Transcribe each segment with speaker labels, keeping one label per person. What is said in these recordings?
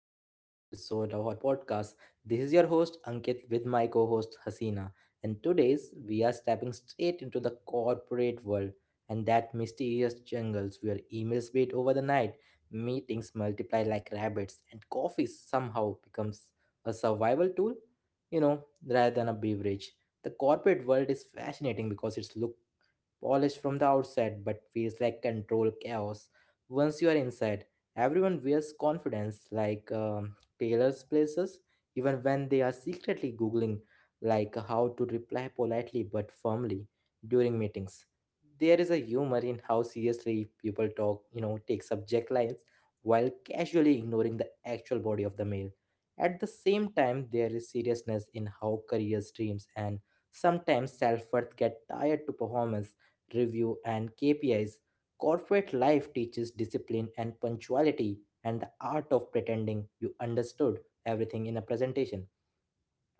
Speaker 1: to the another episode of our podcast. This is your host Ankit with my co-host Hasina, and today's we are stepping straight into the corporate world and that mysterious jungles where emails wait over the night, meetings multiply like rabbits, and coffee somehow becomes a survival tool, rather than a beverage. The corporate world is fascinating because it's look polished from the outside but feels like control chaos once you are inside. Everyone wears confidence like tailors' places, even when they are secretly Googling like how to reply politely but firmly during meetings. There is a humor in how seriously people talk, take subject lines while casually ignoring the actual body of the mail. At the same time, there is seriousness in how careers, dreams, and sometimes self worth get tied to performance review, and KPIs. Corporate life teaches discipline and punctuality and the art of pretending you understood everything in a presentation.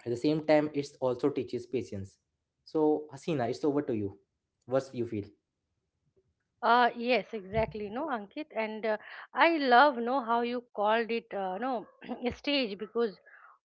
Speaker 1: At the same time, it also teaches patience. So, Hasina, it's over to you. What's you feel?
Speaker 2: Yes, exactly. No, Ankit, and I love know how you called it. No, stage because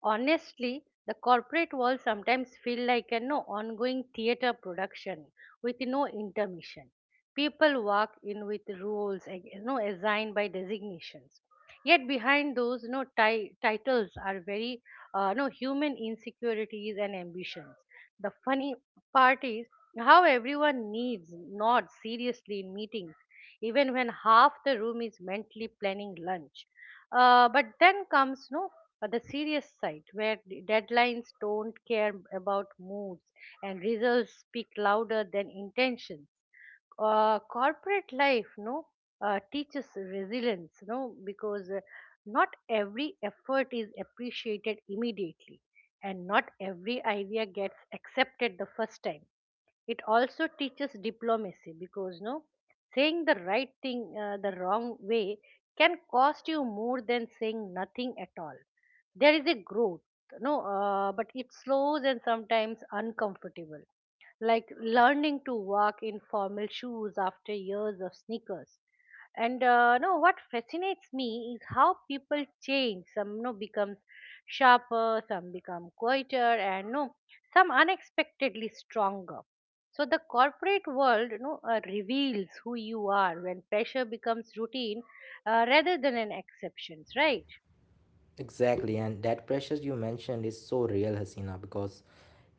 Speaker 2: honestly, the corporate world sometimes feel like an ongoing theater production with no intermission. People walk in with roles and, assigned by designations. Yet behind those titles are very human insecurities and ambitions. The funny part is how everyone needs nods seriously in meetings, even when half the room is mentally planning lunch. But then comes no but the serious side where the deadlines don't care about moods and results speak louder than intentions. Corporate life, no, teaches resilience, no, because not every effort is appreciated immediately, and not every idea gets accepted the first time. It also teaches diplomacy because no, saying the right thing the wrong way can cost you more than saying nothing at all. There is a growth, no but it's slow and sometimes uncomfortable, like learning to walk in formal shoes after years of sneakers. And no, what fascinates me is how people change. Some no becomes sharper, some become quieter, and no some unexpectedly stronger. So the corporate world no reveals who you are when pressure becomes routine, rather than an exception, right?
Speaker 1: Exactly, and that pressure you mentioned is so real, Hasina, because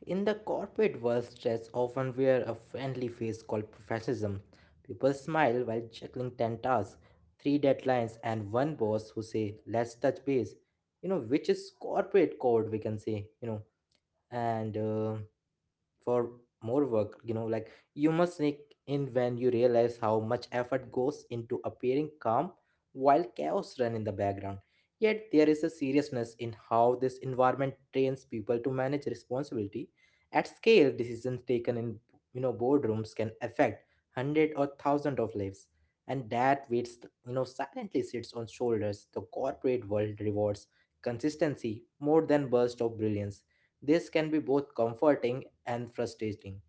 Speaker 1: in the corporate world, stress often wear a friendly face called professionalism. People smile while juggling 10 tasks, 3 deadlines, and one boss who say, let's touch base, which is corporate code, we can say, and for more work like you must sneak in when you realize how much effort goes into appearing calm while chaos run in the background. Yet there is a seriousness in how this environment trains people to manage responsibility at scale. Decisions taken in boardrooms can affect hundred or thousand of lives, and that weight silently sits on shoulders. The corporate world rewards consistency more than burst of brilliance. This can be both comforting and frustrating.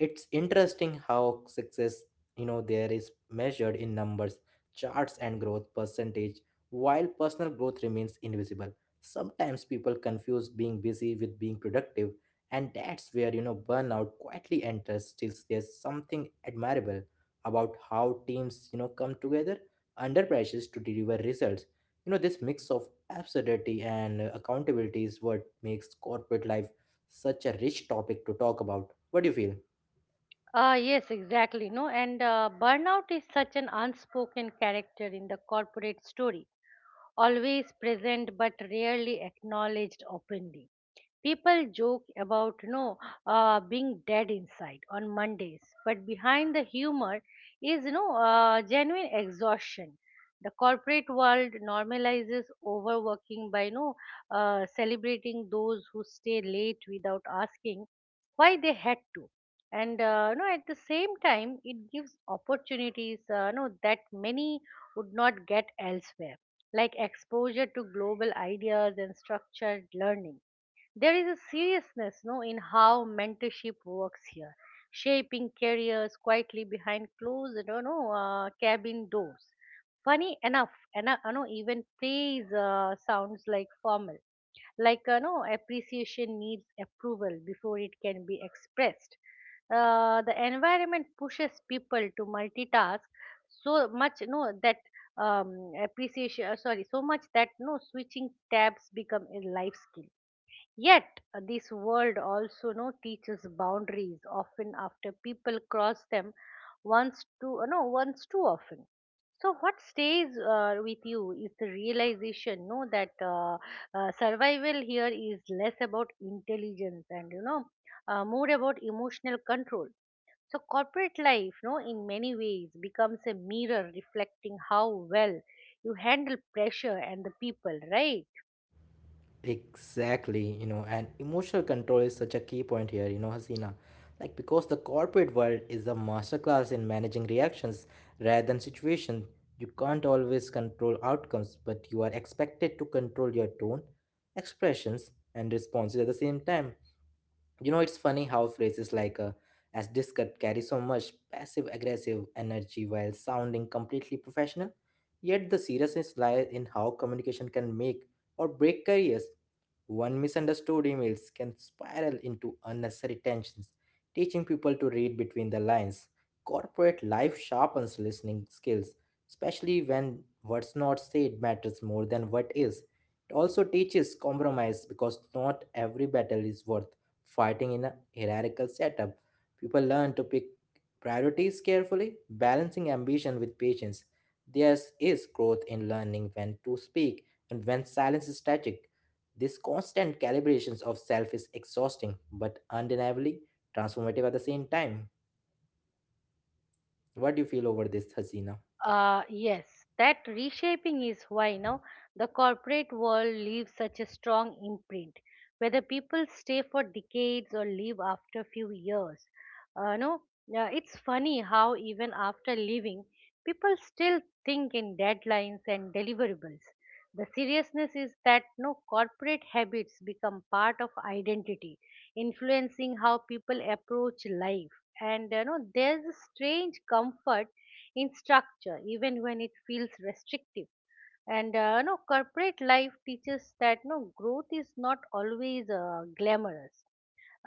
Speaker 1: It's interesting how success, there is measured in numbers, charts, and growth percentage, while personal growth remains invisible. Sometimes people confuse being busy with being productive, and that's where, burnout quietly enters. Still, there's something admirable about how teams, come together under pressures to deliver results. You know, this mix of absurdity and accountability is what makes corporate life such a rich topic to talk about. What do you feel?
Speaker 2: Yes, exactly. No, and burnout is such an unspoken character in the corporate story, always present but rarely acknowledged openly. People joke about being dead inside on Mondays, but behind the humor is genuine exhaustion. The corporate world normalizes overworking by celebrating those who stay late without asking why they had to. And you know, at the same time it gives opportunities you know, that many would not get elsewhere, like exposure to global ideas and structured learning. There is a seriousness, no, in how mentorship works here, shaping careers quietly behind closed, cabin doors. Funny enough, you know, even praise sounds like formal, like you know, appreciation needs approval before it can be expressed. The environment pushes people to multitask so much, no, that sorry, so much that no switching tabs become a life skill. Yet, this world also no teaches boundaries often after people cross them once too no once too often. So, what stays with you is the realization no that survival here is less about intelligence and more about emotional control. So, corporate life no in many ways becomes a mirror reflecting how well you handle pressure and the people, right?
Speaker 1: Exactly, and emotional control is such a key point here, Hasina. Like, because the corporate world is a masterclass in managing reactions rather than situation, you can't always control outcomes, but you are expected to control your tone, expressions, and responses at the same time. You know, it's funny how phrases like as discussed carry so much passive aggressive energy while sounding completely professional. Yet the seriousness lies in how communication can make or break careers. One misunderstood emails can spiral into unnecessary tensions, teaching people to read between the lines. Corporate life sharpens listening skills, especially when what's not said matters more than what is. It also teaches compromise because not every battle is worth fighting in a hierarchical setup. People learn to pick priorities carefully, balancing ambition with patience. There is growth in learning when to speak and when silence is tragic. This constant calibrations of self is exhausting but undeniably transformative at the same time. What do you feel over this, Hasina?
Speaker 2: Yes, that reshaping is why now the corporate world leaves such a strong imprint. Whether people stay for decades or leave after few years, no, yeah, it's funny how even after leaving, people still think in deadlines and deliverables. The seriousness is that no corporate habits become part of identity, influencing how people approach life. And you know, there's a strange comfort in structure, even when it feels restrictive. And no, corporate life teaches that no growth is not always glamorous.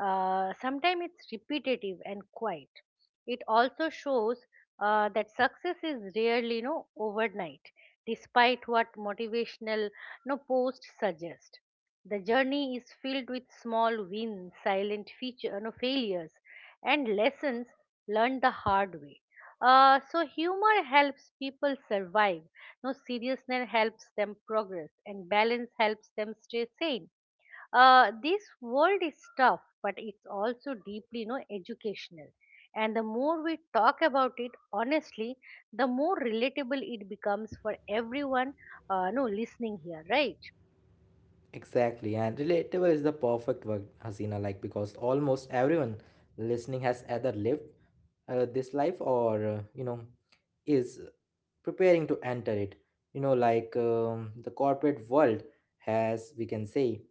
Speaker 2: Sometimes it's repetitive and quiet. It also shows that success is rarely you know, overnight, despite what motivational no posts suggest. The journey is filled with small wins, silent feature, no failures, and lessons learned the hard way. So humor helps people survive. No, seriousness helps them progress, and balance helps them stay sane. This world is tough, but it's also deeply you know educational, and the more we talk about it honestly, the more relatable it becomes for everyone. No listening here, right?
Speaker 1: Exactly, and relatable is the perfect word, Hasina, like because almost everyone listening has either lived this life or, is preparing to enter it. You know, like the corporate world has, we can say,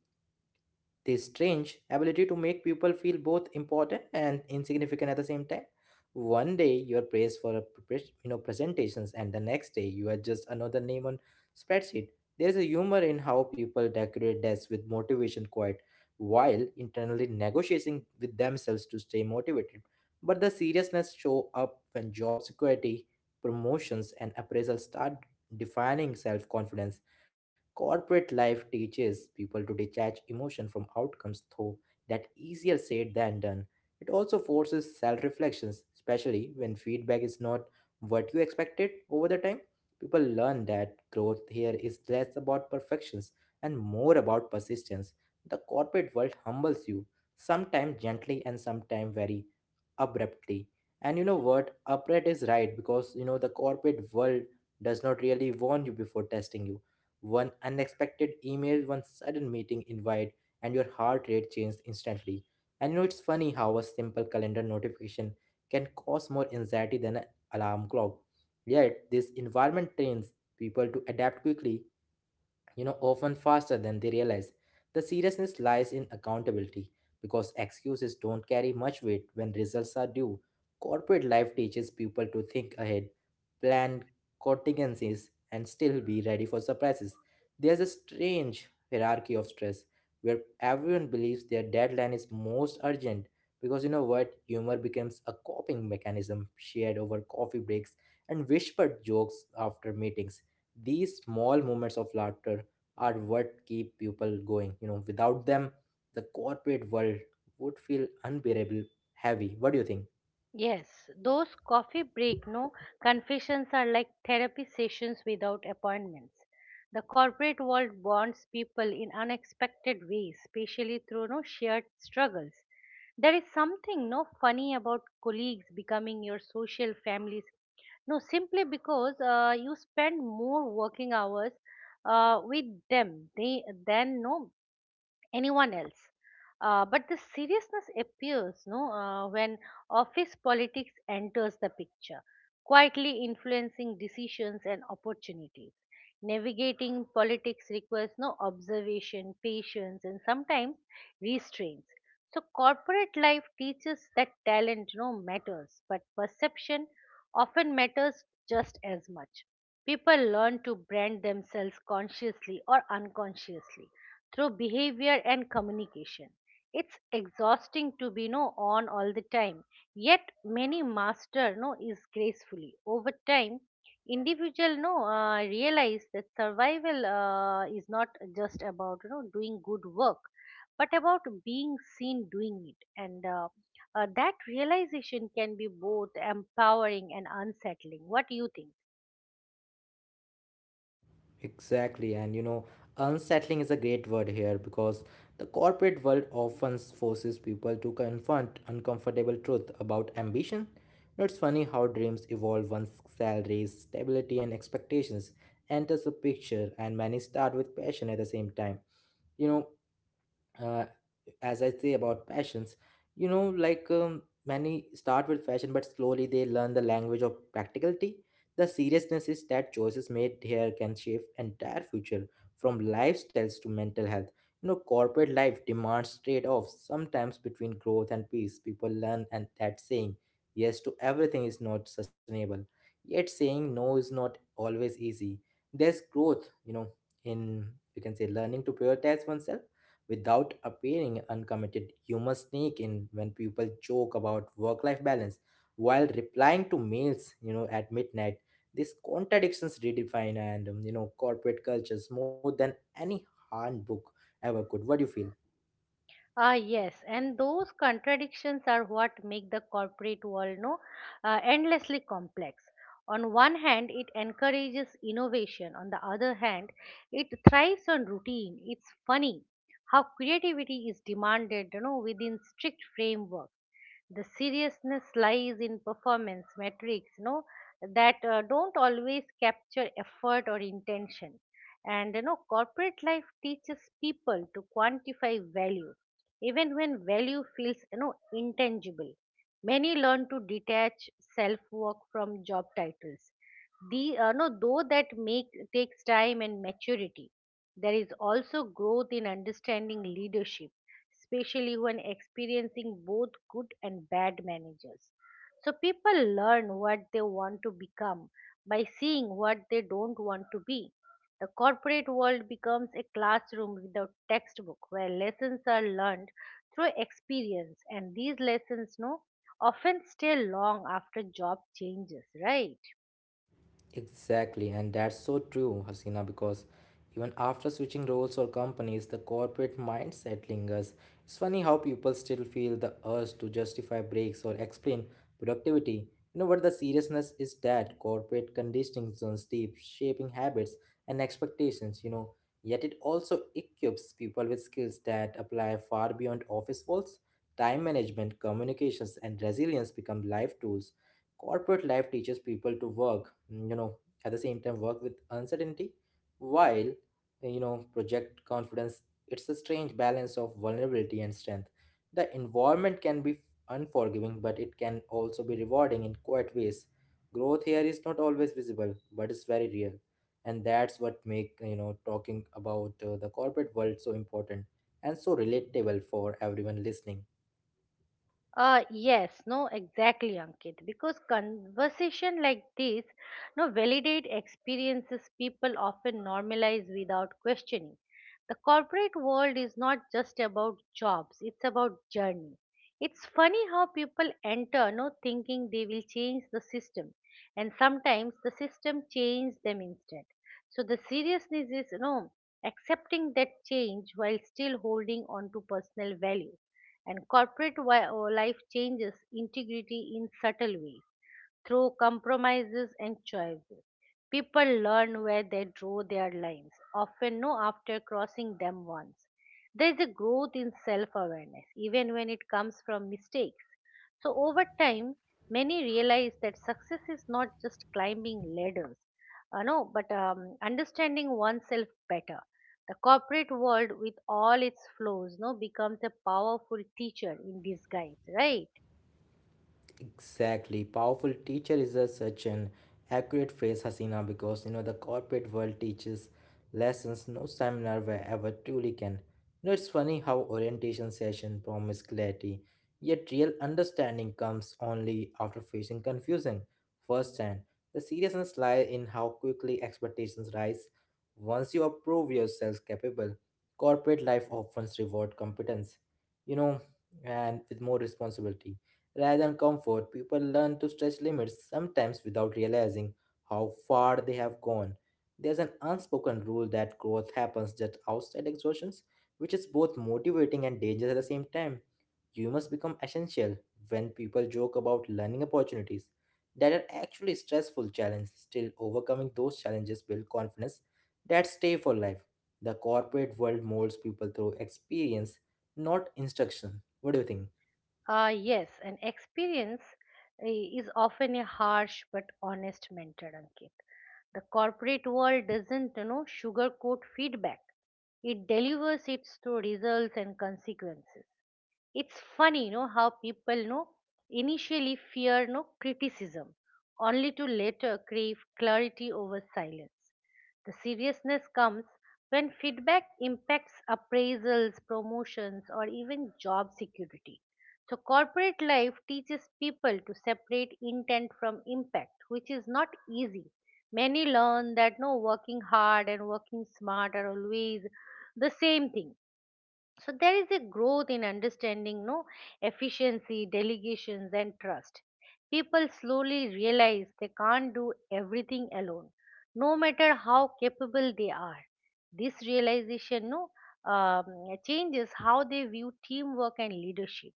Speaker 1: this strange ability to make people feel both important and insignificant at the same time. One day you are praised for a presentations, and the next day you are just another name on spreadsheet. There is a humor in how people decorate desks with motivation quite while internally negotiating with themselves to stay motivated. But the seriousness show up when job security, promotions, and appraisal start defining self-confidence. Corporate life teaches people to detach emotion from outcomes, though that easier said than done. It also forces self-reflections, especially when feedback is not what you expected over the time. People learn that growth here is less about perfections and more about persistence. The corporate world humbles you, sometimes gently and sometimes very abruptly. And you know what? Upright is right because the corporate world does not really warn you before testing you. One unexpected email, one sudden meeting invite, and your heart rate changed instantly. And it's funny how a simple calendar notification can cause more anxiety than an alarm clock. Yet, this environment trains people to adapt quickly, often faster than they realize. The seriousness lies in accountability because excuses don't carry much weight when results are due. Corporate life teaches people to think ahead, plan contingencies, and still be ready for surprises. There's a strange hierarchy of stress where everyone believes their deadline is most urgent. Because you know what? Humor becomes a coping mechanism shared over coffee breaks and whispered jokes after meetings. These small moments of laughter are what keep people going, without them the corporate world would feel unbearable heavy. What do you think?
Speaker 2: Yes, those coffee break no confessions are like therapy sessions without appointments. The corporate world bonds people in unexpected ways, especially through no shared struggles. There is something no funny about colleagues becoming your social families. No, simply because you spend more working hours with them they, than no anyone else. But the seriousness appears, no, when office politics enters the picture, quietly influencing decisions and opportunities. Navigating politics requires no observation, patience, and sometimes restraints. So corporate life teaches that talent no matters, but perception often matters just as much. People learn to brand themselves consciously or unconsciously through behavior and communication. It's exhausting to be no on all the time, yet many master no is gracefully. Over time, individual no realize that survival is not just about you know doing good work, but about being seen doing it, and that realization can be both empowering and unsettling. What do you think?
Speaker 1: Exactly, and unsettling is a great word here because the corporate world often forces people to confront uncomfortable truth about ambition. You know, it's funny how dreams evolve once salaries stability and expectations enters the picture, and many start with passion at the same time. you know uh, as I say about passions, many start with fashion, but slowly they learn the language of practicality. The seriousness is that choices made here can shape entire future, from lifestyles to mental health. You know, corporate life demands trade-offs sometimes between growth and peace. People learn and that saying yes to everything is not sustainable. Yet saying no is not always easy. There's growth, in you can say learning to prioritize oneself. Without appearing uncommitted, you must sneak in when people joke about work life balance while replying to mails, at midnight. These contradictions redefine and corporate cultures more than any handbook ever could. What do you feel?
Speaker 2: Ah, yes, and those contradictions are what make the corporate world no endlessly complex. On one hand, it encourages innovation. On the other hand, it thrives on routine. It's funny how creativity is demanded, you know, within strict frameworks. The seriousness lies in performance metrics, you know, that don't always capture effort or intention, and you know corporate life teaches people to quantify value even when value feels you know intangible. Many learn to detach self work from job titles. The, no, though that make, takes time and maturity. There is also growth in understanding leadership, especially when experiencing both good and bad managers. So people learn what they want to become by seeing what they don't want to be. The corporate world becomes a classroom without textbook where lessons are learned through experience, and these lessons no often stay long after job changes, right?
Speaker 1: Exactly, and that's so true, Hasina, because even after switching roles or companies, the corporate mindset lingers. It's funny how people still feel the urge to justify breaks or explain productivity. You know what the seriousness is that corporate conditioning runs deep, shaping habits and expectations. Yet it also equips people with skills that apply far beyond office walls. Time management, communications, and resilience become life tools. Corporate life teaches people to work, at the same time, work with uncertainty while, project confidence. It's a strange balance of vulnerability and strength. The environment can be unforgiving, but it can also be rewarding in quiet ways. Growth here is not always visible, but it's very real. And that's what make, talking about the corporate world so important and so relatable for everyone listening.
Speaker 2: Yes, no, exactly, Ankit. Because conversation like this, no, validate experiences people often normalize without questioning. The corporate world is not just about jobs; it's about journey. It's funny how people enter, no, thinking they will change the system, and sometimes the system changes them instead. So the seriousness is, no, accepting that change while still holding on to personal value. And life changes integrity in subtle ways through compromises and choices. People learn where they draw their lines, often know after crossing them once. There is a growth in self awareness, even when it comes from mistakes. So over time, many realize that success is not just climbing ladders, no, but understanding oneself better. The corporate world, with all its flaws, no, becomes a powerful teacher in disguise, right?
Speaker 1: Exactly. Powerful teacher is a, such an accurate phrase, Hasina, because you know the corporate world teaches lessons no seminar where ever truly can. You know, it's funny how orientation session promise clarity, yet real understanding comes only after facing confusion firsthand. The seriousness lies in how quickly expectations rise once you approve yourself capable. Corporate life often rewards competence, you know, and with more responsibility. Rather than comfort, people learn to stretch limits, sometimes without realizing how far they have gone. There's an unspoken rule that growth happens just outside exhaustions, which is both motivating and dangerous at the same time. You must become essential when people joke about learning opportunities that are actually stressful challenges. Still, overcoming those challenges build confidence that stay for life. The corporate world molds people through experience, not instruction. What do you think?
Speaker 2: Yes, an experience is often a harsh but honest mentor, Ankit. The corporate world doesn't, you know, sugarcoat feedback. It delivers it through results and consequences. It's funny how people initially fear no criticism, only to later crave clarity over silence. The seriousness comes when feedback impacts appraisals, promotions, or even job security. So corporate life teaches people to separate intent from impact, which is not easy. Many learn that no working hard and working smart are always the same thing. So there is a growth in understanding no efficiency, delegations, and trust. People slowly realize they can't do everything alone, no matter how capable they are. This realization no um, changes how they view teamwork and leadership.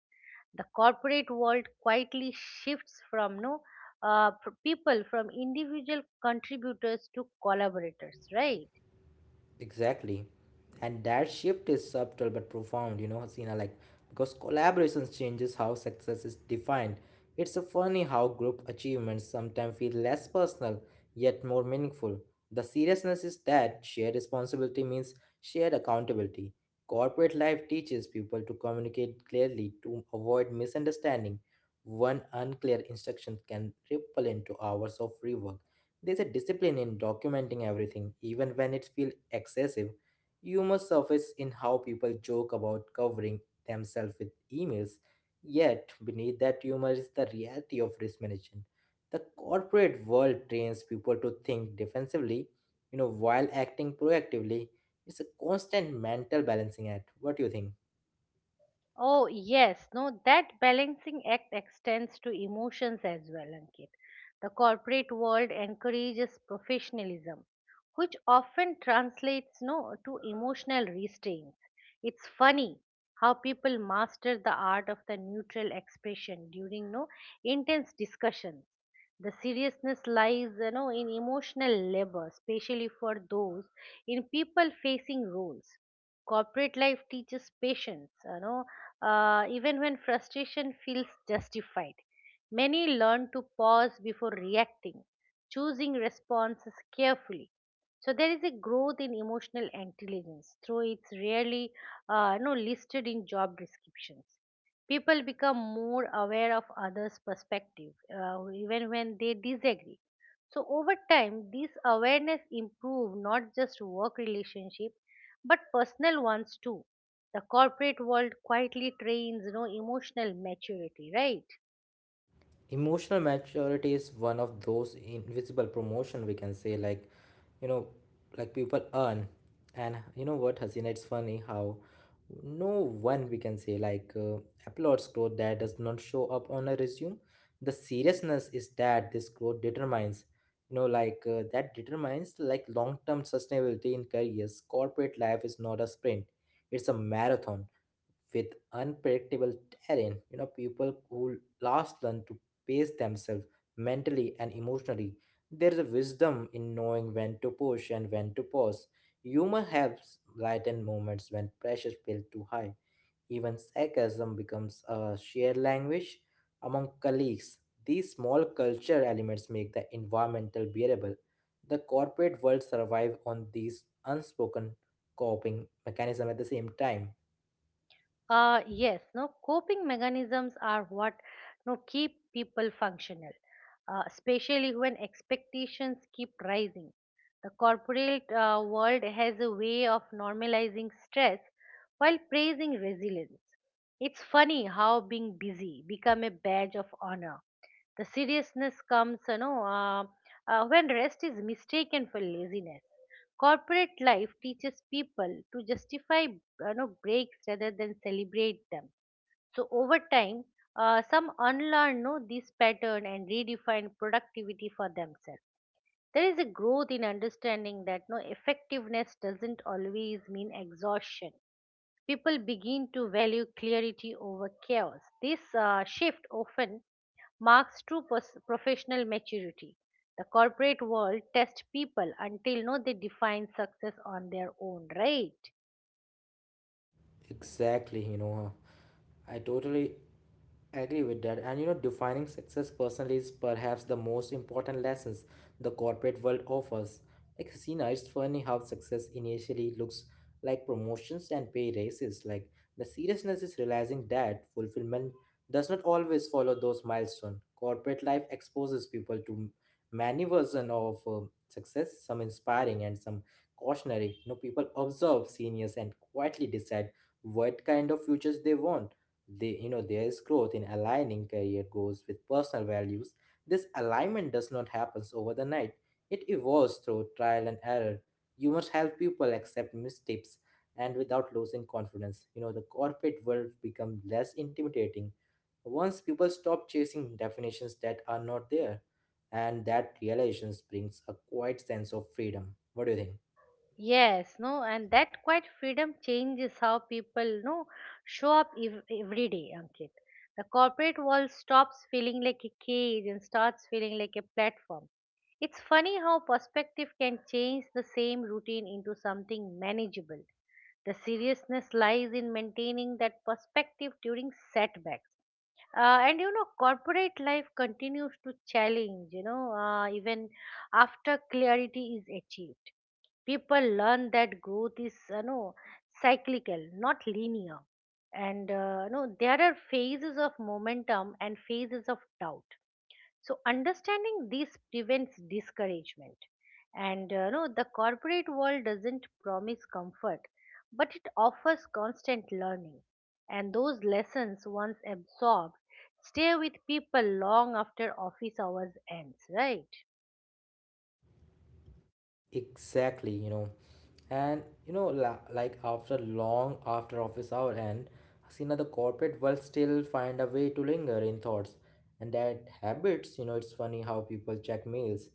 Speaker 2: The corporate world quietly shifts from no pr- people from individual contributors to collaborators, right?
Speaker 1: Exactly. And that shift is subtle but profound, Hasina, like because collaborations changes how success is defined. It's a funny how group achievements sometimes feel less personal yet more meaningful. The seriousness is that shared responsibility means shared accountability. Corporate life teaches people to communicate clearly to avoid misunderstanding. One unclear instruction can ripple into hours of rework. There's a discipline in documenting everything, even when it feels excessive. Humor surfaces in how people joke about covering themselves with emails. Yet, beneath that humor is the reality of risk management. The corporate world trains people to think defensively, while acting proactively. It's a constant mental balancing act. What do you think?
Speaker 2: Oh, yes. No, that balancing act extends to emotions as well, Ankit. The corporate world encourages professionalism, which often translates no, to emotional restraint. It's funny how people master the art of the neutral expression during no intense discussions. The seriousness lies, you know, in emotional labor, especially for those in people facing roles. Corporate life teaches patience, you know, even when frustration feels justified. Many learn to pause before reacting, choosing responses carefully. So there is a growth in emotional intelligence, though it's rarely, you know, listed in job descriptions. People become more aware of others' perspective, even when they disagree. So over time, this awareness improve not just work relationship, but personal ones too. The corporate world quietly trains, you know, emotional maturity, right?
Speaker 1: Emotional maturity is one of those invisible promotion, we can say, like, you know like people earn. And you know what, Hasina, it's funny how no one, we can say, like, applauds growth that does not show up on a resume. The seriousness is that this growth determines, like, that determines, like, long-term sustainability in careers. Corporate life is not a sprint, it's a marathon with unpredictable terrain. People who last learn to pace themselves mentally and emotionally. There is a wisdom in knowing when to push and when to pause. Humor helps lighten moments when pressures feel too high. Even sarcasm becomes a shared language among colleagues. These small culture elements make the environmental bearable. The corporate world survive on these unspoken coping mechanism at the same time.
Speaker 2: Yes, no, coping mechanisms are what no keep people functional, especially when expectations keep rising. The corporate world has a way of normalizing stress while praising resilience. It's funny how being busy become a badge of honor. The seriousness comes, when rest is mistaken for laziness. Corporate life teaches people to justify, you know, breaks rather than celebrate them. So over time, some unlearn, you know, this pattern and redefine productivity for themselves. There is a growth in understanding that no effectiveness doesn't always mean exhaustion. People begin to value clarity over chaos. This shift often marks true professional maturity. The corporate world tests people until no they define success on their own, right?
Speaker 1: Exactly, I totally agree with that. And defining success personally is perhaps the most important lessons the corporate world offers. Like, Hasina, it's funny how success initially looks like promotions and pay raises. Like, the seriousness is realizing that fulfillment does not always follow those milestones. Corporate life exposes people to many versions of success, some inspiring and some cautionary. People observe seniors and quietly decide what kind of futures they want. There is growth in aligning career goals with personal values. This alignment does not happen over the night. It evolves through trial and error. You must help people accept mistakes and without losing confidence. The corporate world becomes less intimidating once people stop chasing definitions that are not there. And that realizations brings a quiet sense of freedom. What do you think?
Speaker 2: Yes, no, and that quite freedom changes how people no show up every day, Ankit. The corporate world stops feeling like a cage and starts feeling like a platform. It's funny how perspective can change the same routine into something manageable. The seriousness lies in maintaining that perspective during setbacks. And corporate life continues to challenge, even after clarity is achieved. People learn that growth is, cyclical, not linear, and there are phases of momentum and phases of doubt, so understanding this prevents discouragement. And the corporate world doesn't promise comfort, but it offers constant learning, and those lessons, once absorbed, stay with people long after office hours ends, right?
Speaker 1: Exactly. And like after long after office hour and Hasina, the corporate world still find a way to linger in thoughts. And that habits, it's funny how people check mails,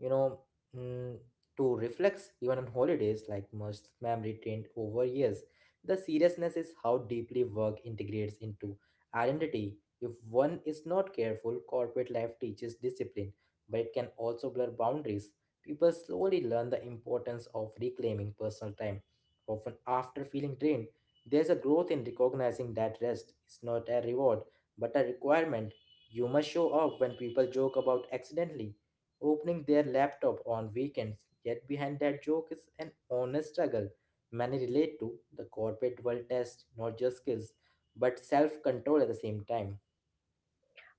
Speaker 1: you know, mm, to reflex even on holidays, like most memory trained over years. The seriousness is how deeply work integrates into identity. If one is not careful, corporate life teaches discipline, but it can also blur boundaries. People slowly learn the importance of reclaiming personal time. Often, after feeling drained, there's a growth in recognizing that rest is not a reward but a requirement. You must show up when people joke about accidentally opening their laptop on weekends. Yet, behind that joke is an honest struggle many relate to. The corporate world test not just skills but self control at the same time.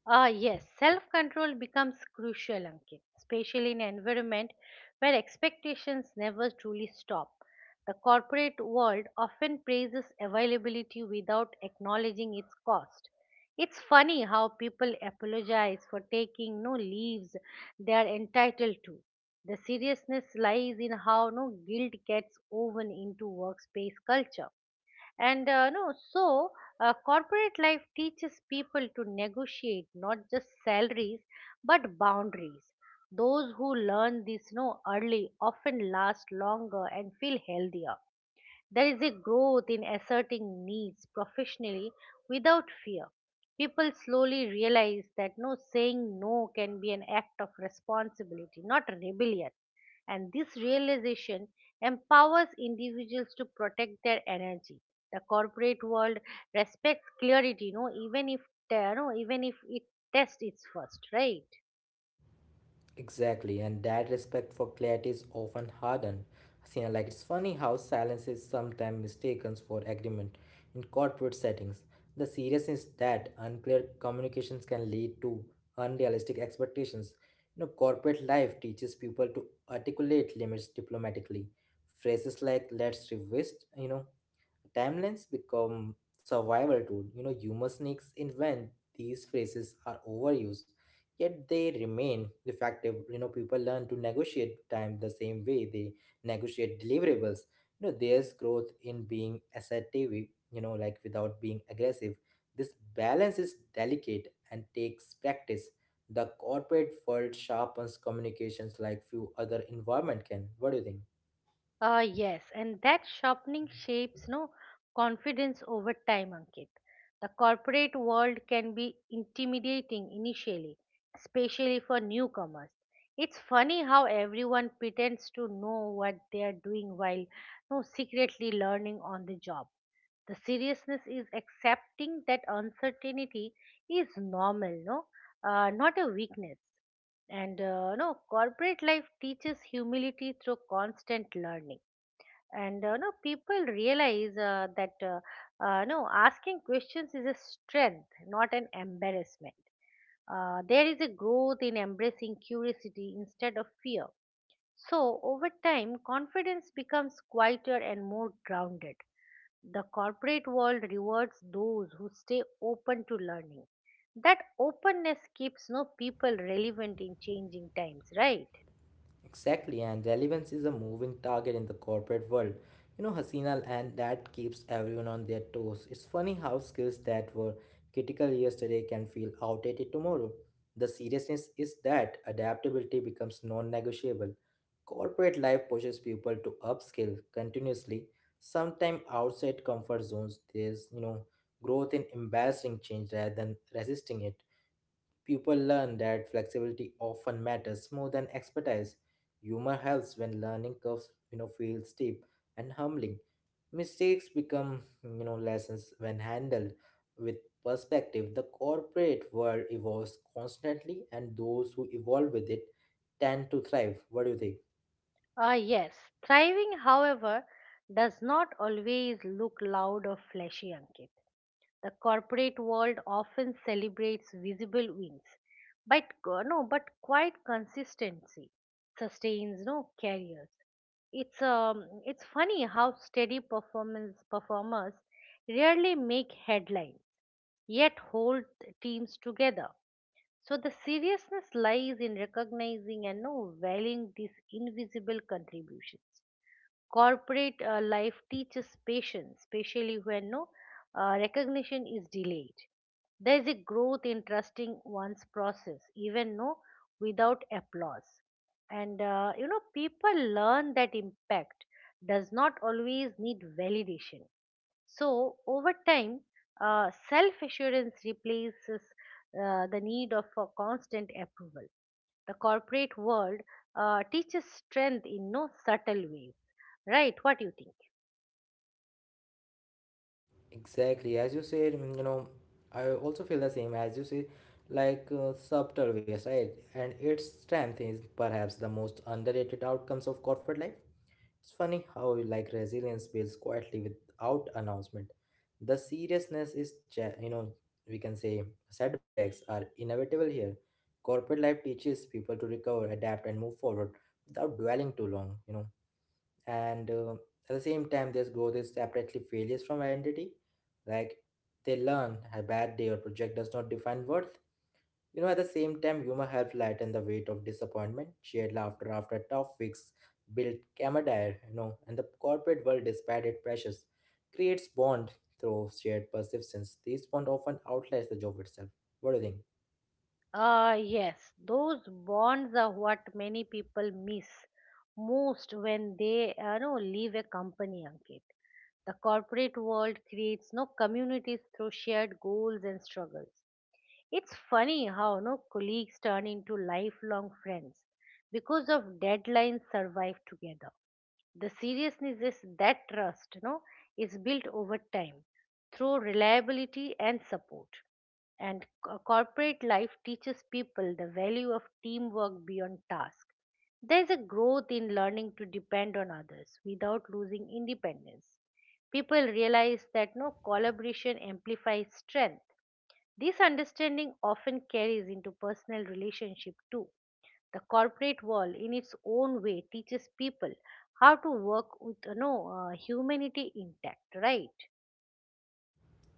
Speaker 2: Yes, self control becomes crucial, Ankit, especially in an environment where expectations never truly stop. The corporate world often praises availability without acknowledging its cost. It's funny how people apologize for taking no leaves they are entitled to. The seriousness lies in how no guilt gets woven into workspace culture. And no, so Corporate life teaches people to negotiate not just salaries, but boundaries. Those who learn this no early often last longer and feel healthier. There is a growth in asserting needs professionally, without fear. People slowly realize that no saying no can be an act of responsibility, not rebellion. And this realization empowers individuals to protect their energy. The corporate world respects clarity, no, even if even if it tests its first, right?
Speaker 1: Exactly, and that respect for clarity is often hardened. See, like it's funny how silence is sometimes mistaken for agreement in corporate settings. The seriousness that unclear communications can lead to unrealistic expectations. Corporate life teaches people to articulate limits diplomatically. Phrases like "let's revisit," timelines become survival tool. Humor sneaks in when these phrases are overused, yet they remain effective. People learn to negotiate time the same way they negotiate deliverables. There's growth in being assertive, like without being aggressive. This balance is delicate and takes practice. The corporate world sharpens communications like few other environment can. What do you think?
Speaker 2: Yes, and that sharpening shapes no confidence over time, Ankit. The corporate world can be intimidating initially, especially for newcomers. It's funny how everyone pretends to know what they are doing while no secretly learning on the job. The seriousness is accepting that uncertainty is normal, no, not a weakness. And no, corporate life teaches humility through constant learning. And people realize that no asking questions is a strength, not an embarrassment. There is a growth in embracing curiosity instead of fear, so over time confidence becomes quieter and more grounded. The corporate world rewards those who stay open to learning. That openness keeps no people relevant in changing times, right?
Speaker 1: Exactly, and relevance is a moving target in the corporate world. Hasina, and that keeps everyone on their toes. It's funny how skills that were critical yesterday can feel outdated tomorrow. The seriousness is that adaptability becomes non negotiable. Corporate life pushes people to upskill continuously, sometimes outside comfort zones. There's, growth in embracing change rather than resisting it. People learn that flexibility often matters more than expertise. Humor helps when learning curves, feel steep and humbling. Mistakes become, lessons when handled with perspective. The corporate world evolves constantly, and those who evolve with it tend to thrive. What do you think?
Speaker 2: Yes. Thriving, however, does not always look loud or flashy, Ankit. The corporate world often celebrates visible wins, but co- no, but quite consistency sustains no careers. It's funny how steady performance performers rarely make headlines, yet hold teams together. So the seriousness lies in recognizing and no valuing these invisible contributions. Corporate life teaches patience, especially when no recognition is delayed. There is a growth in trusting one's process, even no without applause. And people learn that impact does not always need validation. So over time, self-assurance replaces the need of for constant approval. The corporate world teaches strength in no subtle way. Right, what do you think?
Speaker 1: Exactly, as you said, I also feel the same as you say, like subtle ways, right? And its strength is perhaps the most underrated outcomes of corporate life. It's funny how like resilience builds quietly without announcement. The seriousness is, we can say setbacks are inevitable here. Corporate life teaches people to recover, adapt, and move forward without dwelling too long. You know, and at the same time, there's growth is separately failures from identity, like they learn a bad day or project does not define worth. At the same time, humor helps lighten the weight of disappointment. Shared laughter after tough weeks build camaraderie. And the corporate world, despite its pressures, creates bond through shared persistence. These bond often outlasts the job itself. What do you think?
Speaker 2: Yes, those bonds are what many people miss most when they leave a company, Ankit. The corporate world creates no communities through shared goals and struggles. It's funny how no colleagues turn into lifelong friends because of deadlines survive together. The seriousness is that trust, is built over time through reliability and support. And corporate life teaches people the value of teamwork beyond task. There is a growth in learning to depend on others without losing independence. People realize that no collaboration amplifies strength. This understanding often carries into personal relationship too. The corporate world, in its own way, teaches people how to work with, humanity intact, right?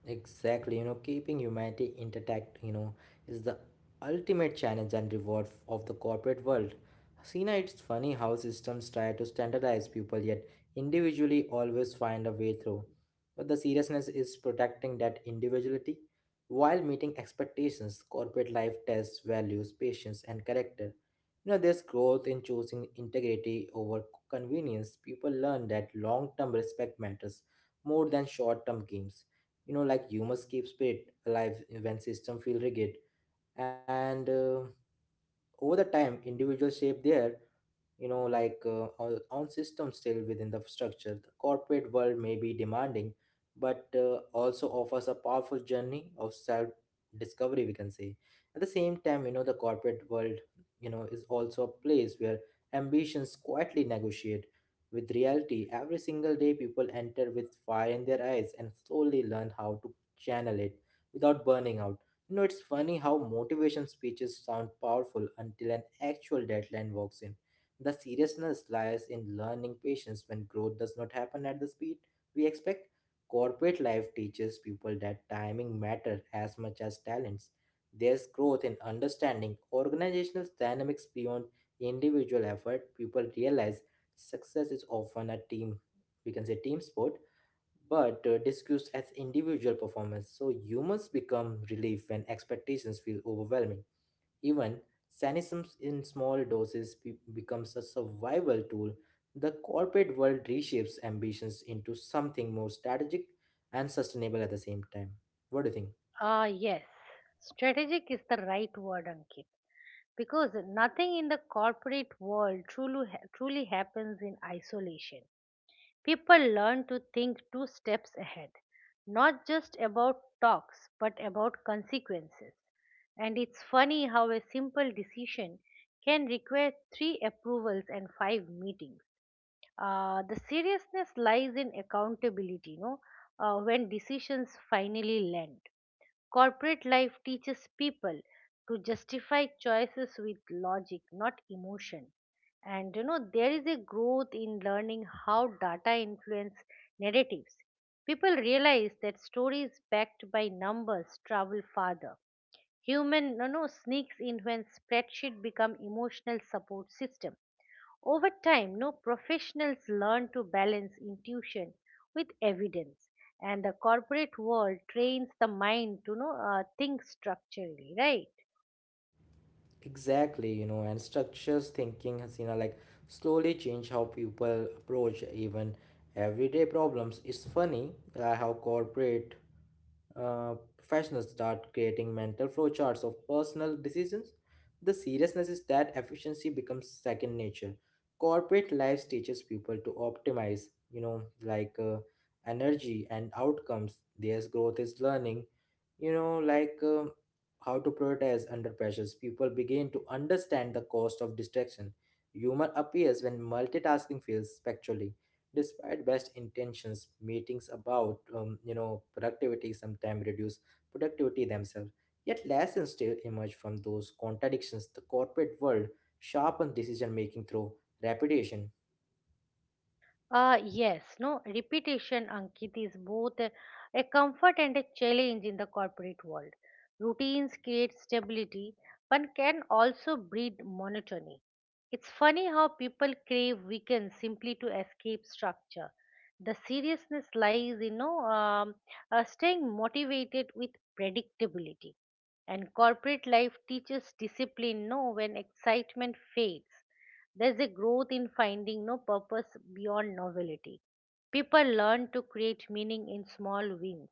Speaker 1: Exactly, keeping humanity intact, is the ultimate challenge and reward of the corporate world. Sina, it's funny how systems try to standardize people yet individually always find a way through. But the seriousness is protecting that individuality while meeting expectations. Corporate life tests values, patience, and character. There's growth in choosing integrity over convenience. People learn that long term respect matters more than short term gains. Like humans keep spirit alive when system feel rigid. And over the time, individuals shape their, like, our own system still within the structure. The corporate world may be demanding, but also offers a powerful journey of self discovery, we can say. At the same time, the corporate world, is also a place where ambitions quietly negotiate with reality every single day. People enter with fire in their eyes and slowly learn how to channel it without burning out. It's funny how motivation speeches sound powerful until an actual deadline walks in. The seriousness lies in learning patience when growth does not happen at the speed we expect. Corporate life teaches people that timing matters as much as talents. There's growth in understanding organizational dynamics beyond individual effort. People realize success is often a team, we can say team sport, but discussed as individual performance. So humans become relief when expectations feel overwhelming. Even cynicism in small doses becomes a survival tool. The corporate world reshapes ambitions into something more strategic and sustainable at the same time. What do you think?
Speaker 2: Yes. Strategic is the right word, Ankit, because nothing in the corporate world truly, truly happens in isolation. People learn to think two steps ahead, not just about talks, but about consequences. And it's funny how a simple decision can require three approvals and five meetings. The seriousness lies in accountability, when decisions finally land. Corporate life teaches people to justify choices with logic, not emotion. And there is a growth in learning how data influence narratives. People realize that stories backed by numbers travel farther. Human no no sneaks in when spreadsheet become emotional support system. Over time, no professionals learn to balance intuition with evidence, and the corporate world trains the mind to think structurally, right?
Speaker 1: Exactly, and structures thinking has, like slowly change how people approach even everyday problems. It's funny, how corporate, professionals start creating mental flowcharts of personal decisions. The seriousness is that efficiency becomes second nature. Corporate life teaches people to optimize, like, energy and outcomes. Their growth is learning, like, how to prioritize under pressures. People begin to understand the cost of distraction. Humor appears when multitasking feels spectrally despite best intentions. Meetings about, productivity sometimes reduce productivity themselves. Yet lessons still emerge from those contradictions. The corporate world sharpens decision making through repetition.
Speaker 2: Yes, no, repetition, Ankit, is both a comfort and a challenge in the corporate world. Routines create stability, but can also breed monotony. It's funny how people crave weekends simply to escape structure. The seriousness lies, staying motivated with predictability. And corporate life teaches discipline, no, when excitement fades. There's a growth in finding no purpose beyond novelty. People learn to create meaning in small wins,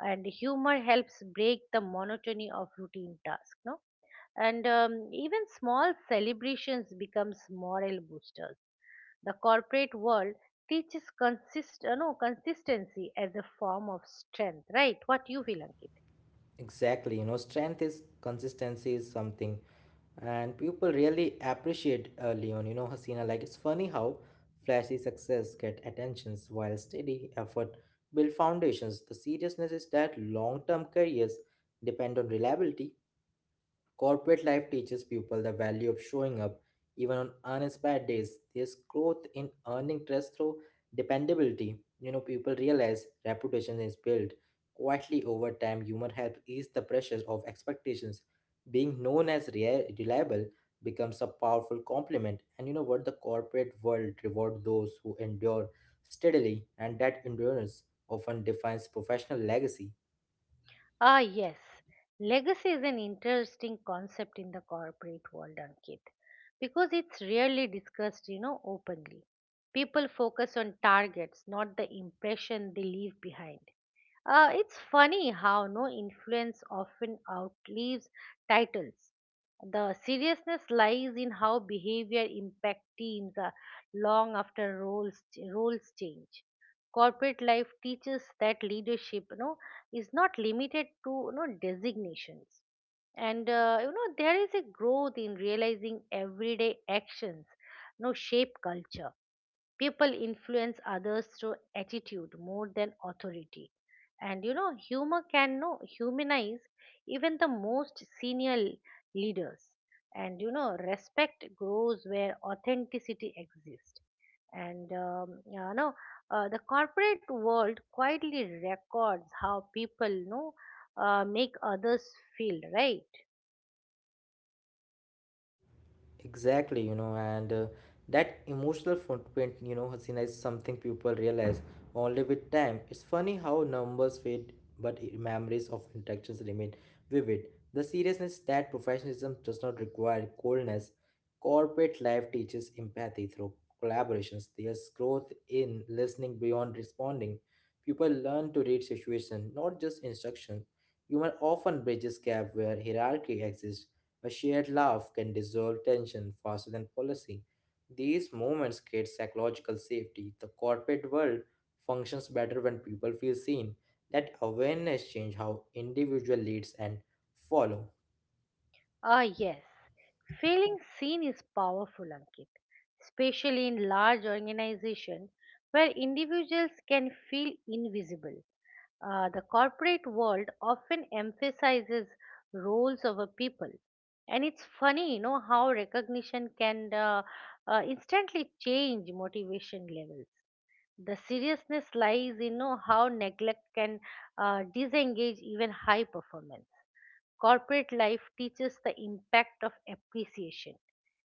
Speaker 2: and humor helps break the monotony of routine tasks. No, and Even small celebrations becomes moral boosters. The corporate world teaches consist, no, consistency as a form of strength. Right? What you feel, Ankit?
Speaker 1: Exactly, strength is consistency is something and people really appreciate, Leon. Hasina, like it's funny how flashy success get attentions while steady effort build foundations. The seriousness is that long-term careers depend on reliability. Corporate life teaches people the value of showing up even on uninspired days. There's growth in earning trust through dependability. People realize reputation is built quietly over time. Humor helps ease the pressures of expectations. Being known as reliable becomes a powerful compliment. And you know what? The corporate world rewards those who endure steadily, and that endurance often defines professional legacy.
Speaker 2: Yes. Legacy is an interesting concept in the corporate world, Ankit, because it's rarely discussed, openly. People focus on targets, not the impression they leave behind. It's funny how no influence often outlives titles. The seriousness lies in how behavior impacts teams long after roles change. Corporate life teaches that leadership, is not limited to, designations, and there is a growth in realizing everyday actions, shape culture. People influence others through attitude more than authority. And humor can no humanize even the most senior leaders. And respect grows where authenticity exists. And you know The corporate world quietly records how people, make others feel, right?
Speaker 1: Exactly, you know, and that emotional footprint, Hasina, is something people realize only with time. It's funny how numbers fade, but memories of interactions remain vivid. The seriousness that professionalism does not require coldness. Corporate life teaches empathy through collaborations. There's growth in listening beyond responding. People learn to read situation, not just instruction. Humor often bridges gap where hierarchy exists. A shared laugh can dissolve tension faster than policy. These moments create psychological safety. The corporate world functions better when people feel seen. That awareness changes how individual leads and follow.
Speaker 2: Yes. Feeling seen is powerful, Ankit, especially in large organizations where individuals can feel invisible. The corporate world often emphasizes roles over people. And it's funny, how recognition can instantly change motivation levels. The seriousness lies in know, how neglect can disengage even high performance. Corporate life teaches the impact of appreciation.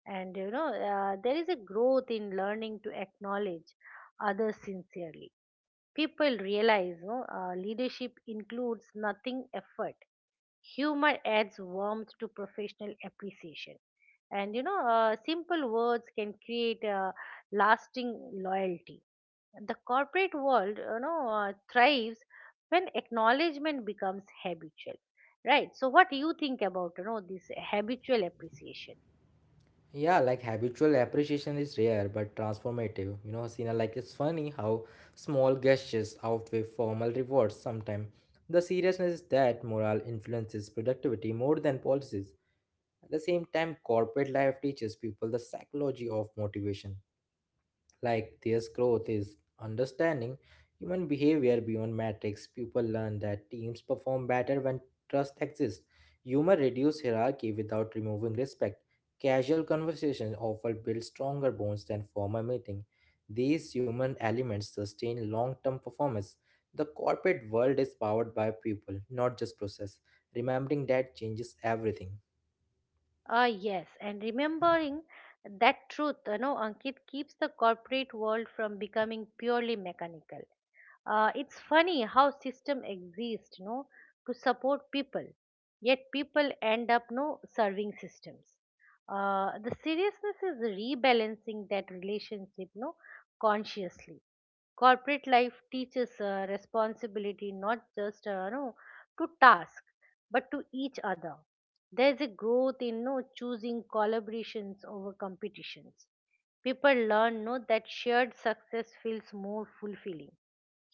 Speaker 2: And you know There is a growth in learning to acknowledge others sincerely. People realize, no, leadership includes nothing effort. Humor adds warmth to professional appreciation, and simple words can create a lasting loyalty. The corporate world, thrives when acknowledgement becomes habitual, right? So what do you think about, this habitual appreciation?
Speaker 1: Yeah, like habitual appreciation is rare but transformative. Sina, like it's funny how small gestures outweigh formal rewards sometimes. The seriousness is that morale influences productivity more than policies. At the same time, corporate life teaches people the psychology of motivation. Like this growth is understanding human behavior beyond metrics. People learn that teams perform better when trust exists. Humor reduces hierarchy without removing respect. Casual conversation often build stronger bonds than formal meeting. These human elements sustain long-term performance. The corporate world is powered by people, not just process. Remembering that changes everything.
Speaker 2: Yes, and remembering that truth, Ankit, keeps the corporate world from becoming purely mechanical. It's funny how system exist, to support people, yet people end up no serving systems. The seriousness is rebalancing that relationship, no, consciously. Corporate life teaches responsibility, not just you to task, but to each other. There's a growth in no choosing collaborations over competitions. People learn no that shared success feels more fulfilling.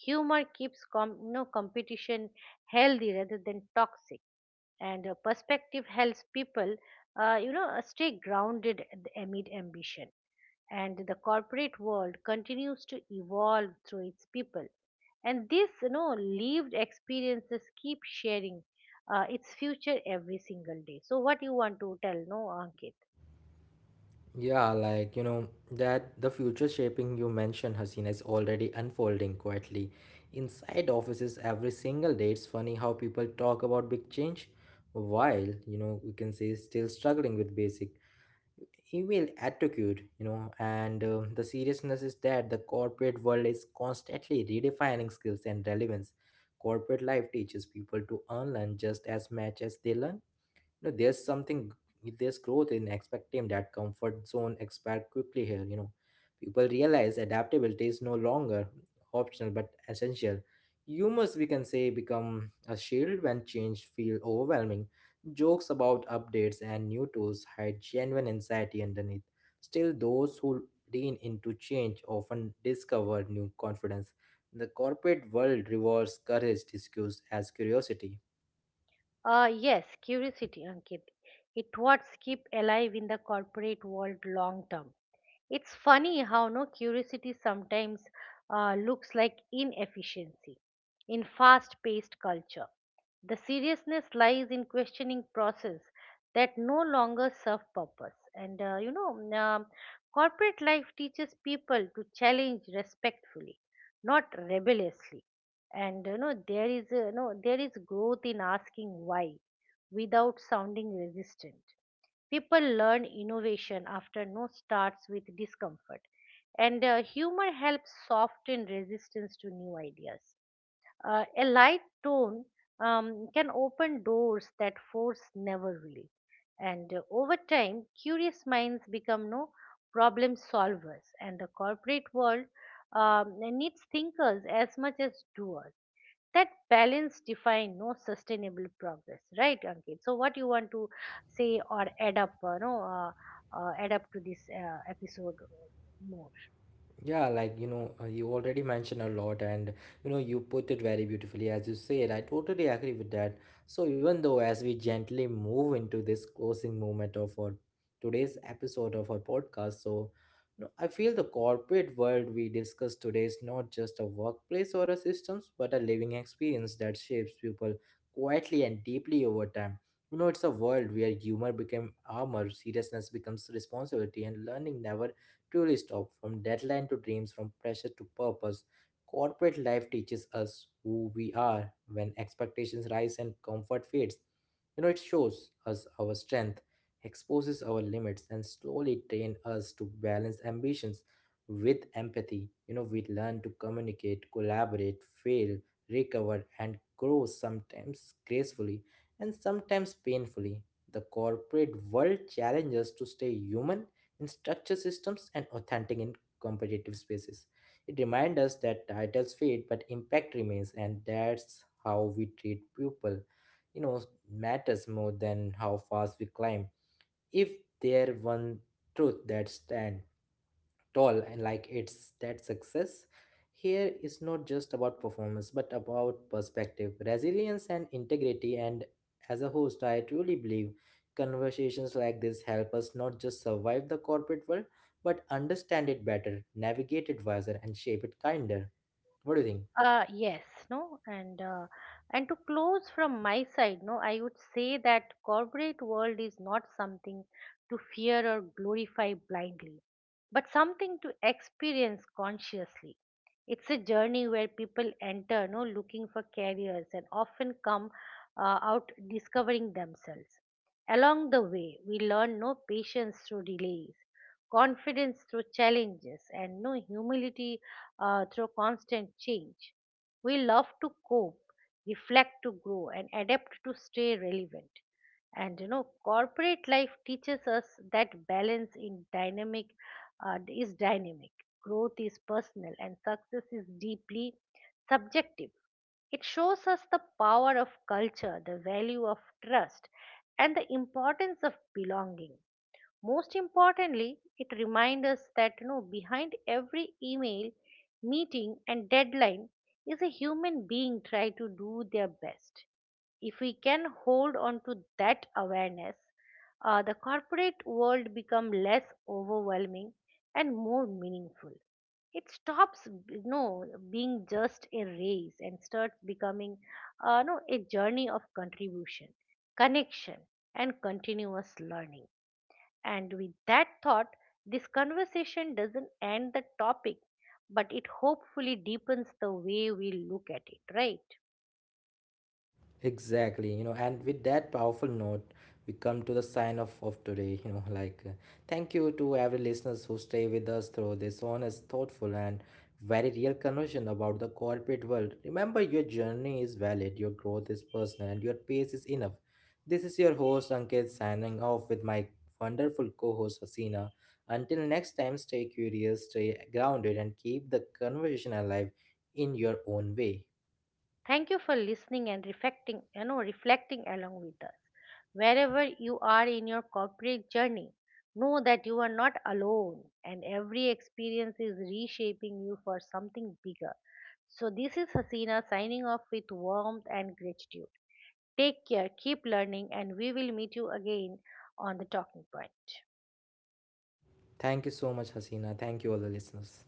Speaker 2: Humor keeps competition healthy rather than toxic, and perspective helps people, stay grounded amid ambition. And the corporate world continues to evolve through its people, and these, lived experiences keep sharing its future every single day. So, what you want to tell, no, Ankit?
Speaker 1: Yeah, like that the future shaping you mentioned, Hasina, is already unfolding quietly inside offices every single day. It's funny how people talk about big change while, we can say still struggling with basic email attitude, you know, and the seriousness is that the corporate world is constantly redefining skills and relevance. Corporate life teaches people to unlearn just as much as they learn you know, there's something there's growth in expecting that comfort zone expand quickly here. People realize adaptability is no longer optional but essential. Humors we can say become a shield when change feel overwhelming. Jokes about updates and new tools hide genuine anxiety underneath. Still, those who lean into change often discover new confidence. The corporate world rewards courage disguised as curiosity.
Speaker 2: Yes, curiosity, Ankit. It what's keep alive in the corporate world long term. It's funny how no curiosity sometimes looks like inefficiency in fast-paced culture. The seriousness lies in questioning process that no longer serve purpose. And you know, mm, Corporate life teaches people to challenge respectfully, not rebelliously. And you know there is a, you know there is growth in asking why without sounding resistant. People learn innovation after no starts with discomfort, and humor helps soften resistance to new ideas. A light tone, can open doors that force never will, and over time curious minds become no problem solvers, and the corporate world, needs thinkers as much as doers. That balance define no sustainable progress, right, Ankit? So what you want to say or add up, no add up to this, episode more?
Speaker 1: Yeah, like you already mentioned a lot, and you put it very beautifully as you said. I totally agree with that. So, even though as we gently move into this closing moment of our today's episode of our podcast, so, I feel the corporate world we discussed today is not just a workplace or a systems, but a living experience that shapes people quietly and deeply over time. It's a world where humor became armor, seriousness becomes responsibility, and learning never truly stop from deadline to dreams, from pressure to purpose. Corporate life teaches us who we are when expectations rise and comfort fades. It shows us our strength, exposes our limits, and slowly train us to balance ambitions with empathy. We learn to communicate, collaborate, fail, recover, and grow sometimes gracefully and sometimes painfully. The corporate world challenges to stay human in structure systems and authentic in competitive spaces. It reminds us that titles fade but impact remains, and that's how we treat people. You know, matters more than how fast we climb. If there one truth that stands tall, and like, it's that success here is not just about performance but about perspective, resilience, and integrity. And as a host, I truly believe conversations like this help us not just survive the corporate world, but understand it better, navigate it wiser, and shape it kinder. What do you think?
Speaker 2: Yes, no, and to close from my side, no, I would say that corporate world is not something to fear or glorify blindly, but something to experience consciously. It's a journey where people enter, no, looking for careers and often come out discovering themselves. Along the way, we learn no patience through delays, confidence through challenges, and no humility through constant change. We love to cope, reflect to grow, and adapt to stay relevant. And corporate life teaches us that balance in dynamic is dynamic. Growth is personal, and success is deeply subjective. It shows us the power of culture, the value of trust, and the importance of belonging. Most importantly, it reminds us that, behind every email, meeting, and deadline is a human being trying to do their best. If we can hold on to that awareness, the corporate world become less overwhelming and more meaningful. It stops, being just a race, and starts becoming, no, a journey of contribution, connection, and continuous learning. And with that thought, this conversation doesn't end the topic, but it hopefully deepens the way we look at it, right?
Speaker 1: Exactly, and with that powerful note, we come to the sign off of today. Thank you to every listeners who stay with us through this honest, thoughtful, and very real conversation about the corporate world. Remember, your journey is valid, your growth is personal, and your pace is enough. This is your host Ankit signing off with my wonderful co-host Hasina. Until next time, stay curious, stay grounded, and keep the conversation alive in your own way.
Speaker 2: Thank you for listening and reflecting, reflecting along with us. Wherever you are in your corporate journey, know that you are not alone, and every experience is reshaping you for something bigger. So this is Hasina signing off with warmth and gratitude. Take care, keep learning, and we will meet you again on the talking point.
Speaker 1: Thank you so much, Hasina. Thank you, all the listeners.